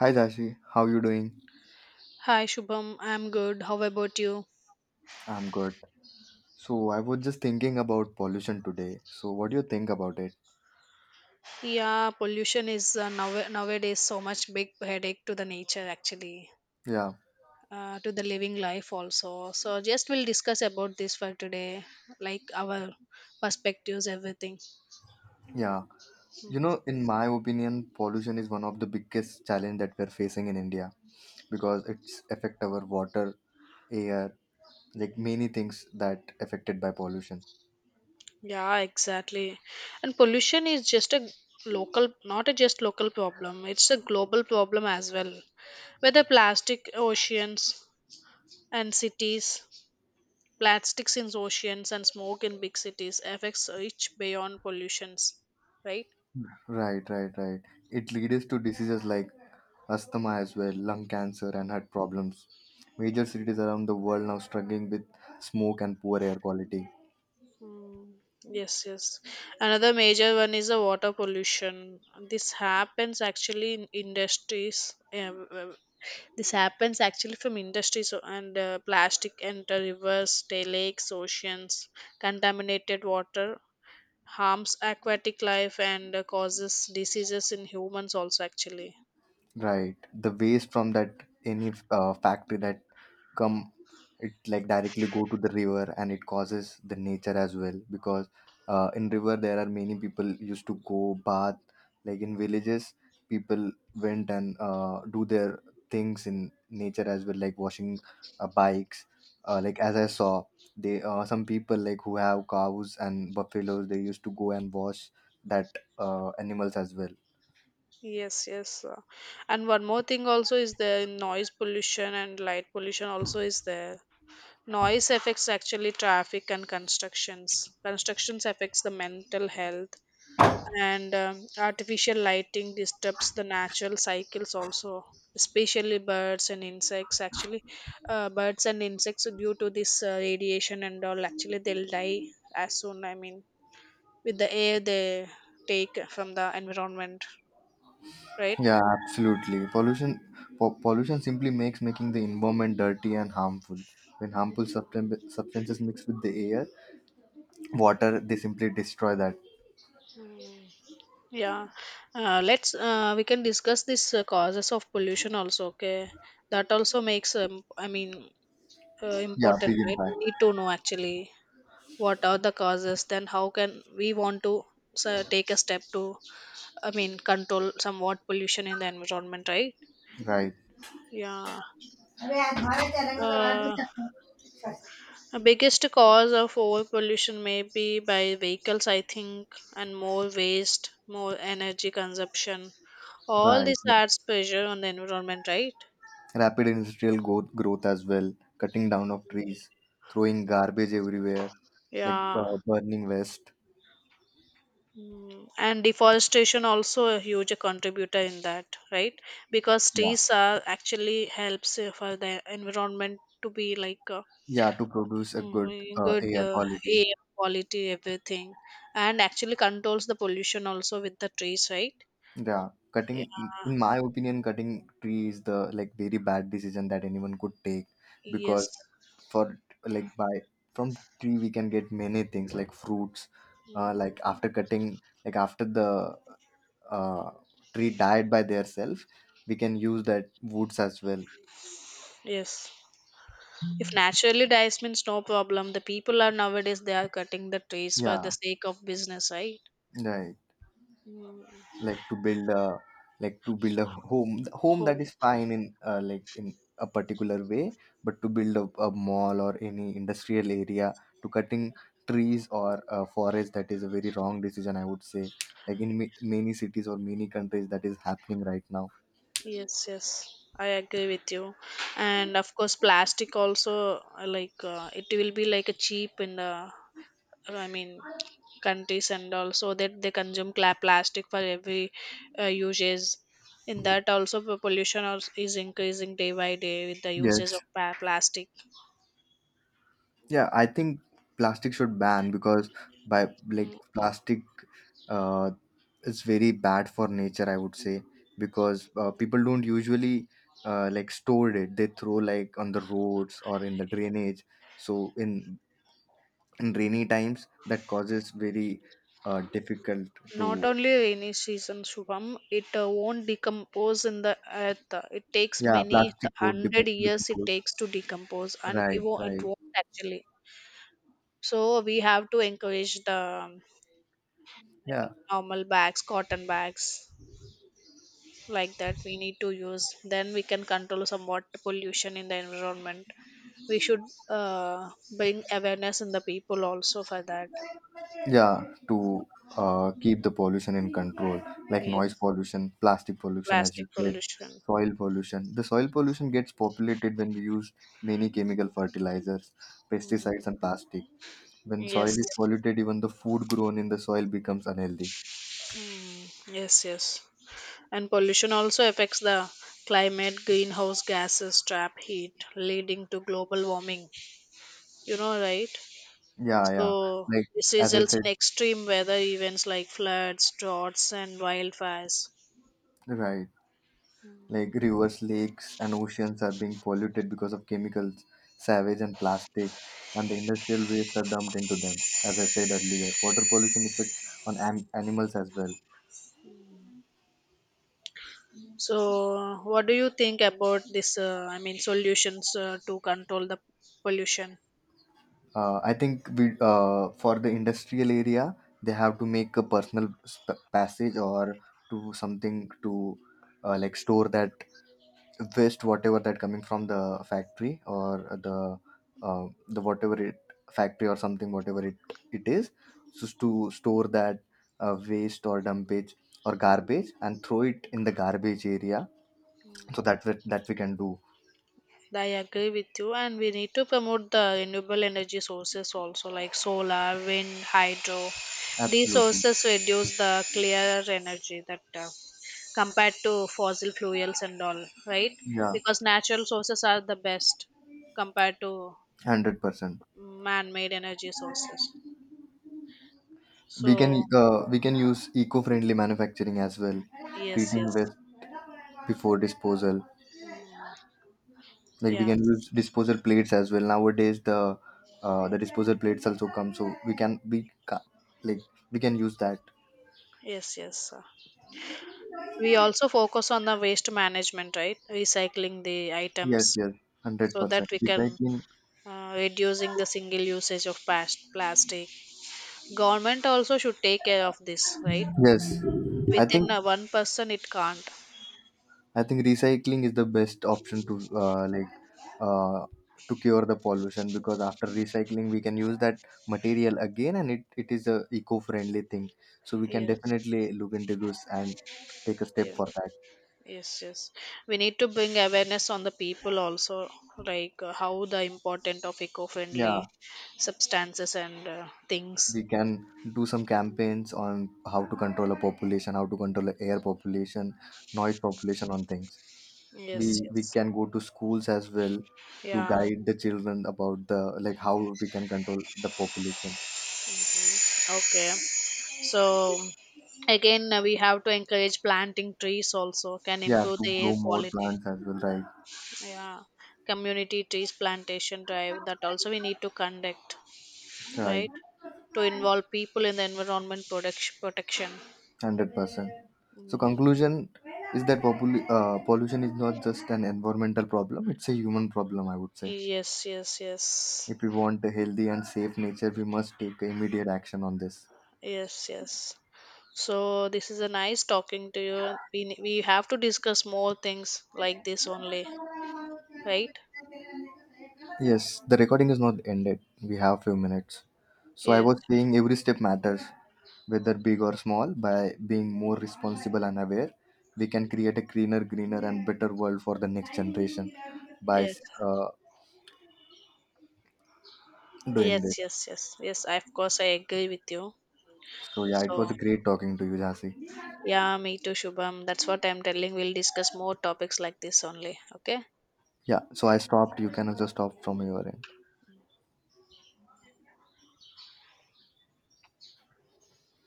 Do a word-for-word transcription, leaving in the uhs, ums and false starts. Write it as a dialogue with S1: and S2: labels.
S1: Hi Dashi, how you doing?
S2: Hi Shubham, I'm good. How about you?
S1: I'm good. So I was just thinking about pollution today. So what do you think about it?
S2: Yeah, pollution is uh, now- nowadays so much big headache to the nature actually,
S1: Yeah,
S2: uh, to the living life also. So just we'll discuss about this for today, like our perspectives, everything.
S1: yeah. You know, in my opinion, pollution is one of the biggest challenge that we're facing in India because it's affect our water, air, like many things that affected by pollution.
S2: Yeah, exactly. And pollution is just a local, not a just local problem. It's a global problem as well. Whether plastic, oceans, and cities, plastics in oceans and smoke in big cities affects each beyond pollutions, right?
S1: Right, right, right. It leads to diseases like asthma as well, lung cancer and heart problems. Major cities around the world now struggling with smoke and poor air quality.
S2: mm, yes, yes, another major one is the water pollution. This happens actually in industries. um, uh, this happens actually from industries o- and uh, plastic enter rivers, ta- lakes, oceans. Contaminated water harms aquatic life and uh, causes diseases in humans also actually.
S1: Right. The waste from that any uh, factory that come it like directly go to the river and it causes the nature as well because uh, in river there are many people used to go bath like in villages people went and uh, do their things in nature as well like washing uh, bikes, uh, like as I saw they uh, some people like who have cows and buffaloes they used to go and wash that uh, animals as well.
S2: Yes, yes. uh, And one more thing also is there, noise pollution and light pollution also is there. Noise affects actually traffic and constructions. Constructions affects the mental health, and um, artificial lighting disturbs the natural cycles also, especially birds and insects actually. Uh, birds and insects, due to this uh, radiation and all, actually they'll die as soon, I mean, with the air they take from the environment, right?
S1: Yeah, absolutely. Pollution po- pollution simply makes making the environment dirty and harmful. When harmful substan- substances mix with the air, water, they simply destroy that.
S2: Yeah, uh, let's uh, we can discuss this uh, causes of pollution also. Okay, that also makes um, I mean uh,
S1: Yeah,
S2: important,
S1: big
S2: right? We
S1: impact.
S2: need to know actually what are the causes. Then how can we want to, so, take a step to, I mean, control somewhat pollution in the environment, right?
S1: Right,
S2: Yeah. Uh, The biggest cause of over pollution may be by vehicles, I think, and more waste, more energy consumption. All
S1: right.
S2: this
S1: right.
S2: adds pressure on the environment, right?
S1: Rapid industrial growth, growth as well, cutting down of trees, throwing garbage everywhere, like
S2: Yeah.
S1: uh, burning waste.
S2: Mm, and deforestation also a huge contributor in that, right? Because
S1: Yeah,
S2: trees are actually helps uh, for the environment to be like uh,
S1: yeah, to produce a good
S2: mm,
S1: uh,
S2: good
S1: air
S2: uh,
S1: quality.
S2: air quality, everything, and actually controls the pollution also with the trees, right?
S1: Yeah,
S2: Yeah.
S1: cutting, in my opinion, cutting tree is the like very bad decision that anyone could take because
S2: Yes.
S1: for like by from tree we can get many things like fruits. Uh,
S2: Mm,
S1: like after cutting, like after the uh, tree died by theirself, we can use that woods as well.
S2: yes. If naturally dies means no problem. The people are nowadays they are cutting the trees for the
S1: Yeah,
S2: sake of business, right?
S1: right.
S2: Mm,
S1: Like to build a like to build a home home
S2: oh,
S1: that is fine in uh, like in a particular way but to build a, a mall or any industrial area to cutting trees or uh, forest that is a very wrong decision I would say like in ma- many cities or many countries that is happening right now.
S2: yes, yes. I agree with you. And of course, plastic also, uh, like uh, it will be like a cheap in the, uh, I mean, countries, and also that they consume cla- plastic for every uh, uses. In that also the pollution als- is increasing day by day with the uses
S1: Yes.
S2: of pa- plastic.
S1: Yeah, I think plastic should ban because by like plastic uh is very bad for nature, I would say, because uh, people don't usually uh, like store it. They throw like on the roads or in the drainage. So in in rainy times that causes very uh, difficult
S2: Not
S1: to
S2: only rainy season, Shubham, it uh, won't decompose in the earth. It takes
S1: yeah,
S2: many th-
S1: plastic would
S2: hundred years it
S1: decompose.
S2: takes to decompose, and it
S1: Right,
S2: won't, it
S1: right.
S2: won't actually. So we have to encourage the um, I
S1: Yeah.
S2: mean, normal bags, cotton bags like that. We need to use. Then we can control somewhat pollution in the environment. We should uh, bring awareness in the people also for that.
S1: Yeah, to uh, keep the pollution in control, like noise
S2: Yes,
S1: pollution, plastic pollution, as you
S2: plastic
S1: said,
S2: pollution.
S1: soil pollution. The soil pollution gets populated when we use many chemical fertilizers, pesticides, and plastic. When soil
S2: Yes.
S1: is polluted, even the food grown in the soil becomes unhealthy.
S2: Mm, yes, yes. And pollution also affects the climate, greenhouse gases trap heat, leading to global warming. You know, right?
S1: Yeah, yeah.
S2: So
S1: Like,
S2: this
S1: as I
S2: results
S1: said,
S2: in extreme weather events like floods, droughts, and wildfires.
S1: right. Like rivers, lakes, and oceans are being polluted because of chemicals, sewage, and plastic, and the industrial waste are dumped into them. As I said earlier, water pollution affects on am- animals as well.
S2: So, what do you think about this? Uh, I mean, solutions uh, to control the pollution.
S1: Uh, I think we, uh, for the industrial area, they have to make a personal sp- passage or to something to uh, like store that waste whatever that coming from the factory or the uh, the whatever it factory or something whatever it it is just to store that uh, waste or dumpage or garbage and throw it in the garbage area so that we, that we can do.
S2: I agree with you, and we need to promote the renewable energy sources also, like solar, wind, hydro. These
S1: Absolutely.
S2: sources reduce the clearer energy that uh, compared to fossil fuels and all, right?
S1: Yeah.
S2: Because natural sources are the best compared to
S1: one hundred percent.
S2: man-made energy sources.
S1: We can
S2: So,
S1: uh, we can use eco-friendly manufacturing as well,
S2: yes,
S1: treating
S2: yes,
S1: waste before disposal, like we
S2: yeah,
S1: can use disposal plates as well nowadays the uh, the disposal plates also come so we can we ca- like we can use that.
S2: yes, yes, sir. We also focus on the waste management, right? Recycling the
S1: Yes,
S2: items,
S1: yes.
S2: so that
S1: one hundred percent.
S2: we can
S1: Recycling.
S2: uh, reducing the single usage of past plastic. Government also should take care of this, right?
S1: Yes. i think
S2: Within uh, one person, it can't.
S1: i think recycling is the best option to uh, like uh, to cure the pollution because after recycling we can use that material again and it, it is a eco-friendly thing so we can
S2: Yes,
S1: definitely look into this and take a step
S2: yeah.
S1: for that.
S2: Yes, yes. We need to bring awareness on the people also, like uh, how the important of
S1: Yeah.
S2: eco-friendly substances and uh, things.
S1: We can do some campaigns on how to control a population, how to control a air population, noise population on things. we
S2: Yes,
S1: we
S2: yes.
S1: can go to schools as well to
S2: Yeah.
S1: guide the children about the like how we can control the population.
S2: Okay. So again, uh, we have to encourage planting trees also can
S1: Yeah,
S2: improve
S1: to
S2: the
S1: grow
S2: air
S1: more
S2: quality.
S1: plants as well, right?
S2: Yeah. Community trees plantation drive that also we need to conduct,
S1: Right
S2: right? To
S1: one hundred percent.
S2: involve people in the environment product protection.
S1: So
S2: Mm,
S1: conclusion is that popul- uh, pollution is not just an environmental problem, it's a human problem I would say.
S2: yes, yes, yes.
S1: If we want a healthy and safe nature we must take immediate action on this.
S2: Yes, yes. So this is a nice talking to you. We ne- we have to discuss more things like this only, right?
S1: Yes, the recording is not ended. We have few minutes. So I
S2: Yes,
S1: was saying every step matters, whether big or small. By being more responsible and aware, we can create a cleaner, greener, and better world for the next generation by
S2: yes,
S1: uh, doing this.
S2: yes, yes, yes, yes. I, of course, I agree with you.
S1: So yeah, it was
S2: So
S1: great talking to you, Jasi.
S2: yeah, me too, Shubham. That's what I'm telling. We'll discuss more topics like this only. Okay.
S1: Yeah. So I stopped. You can also stop from your end.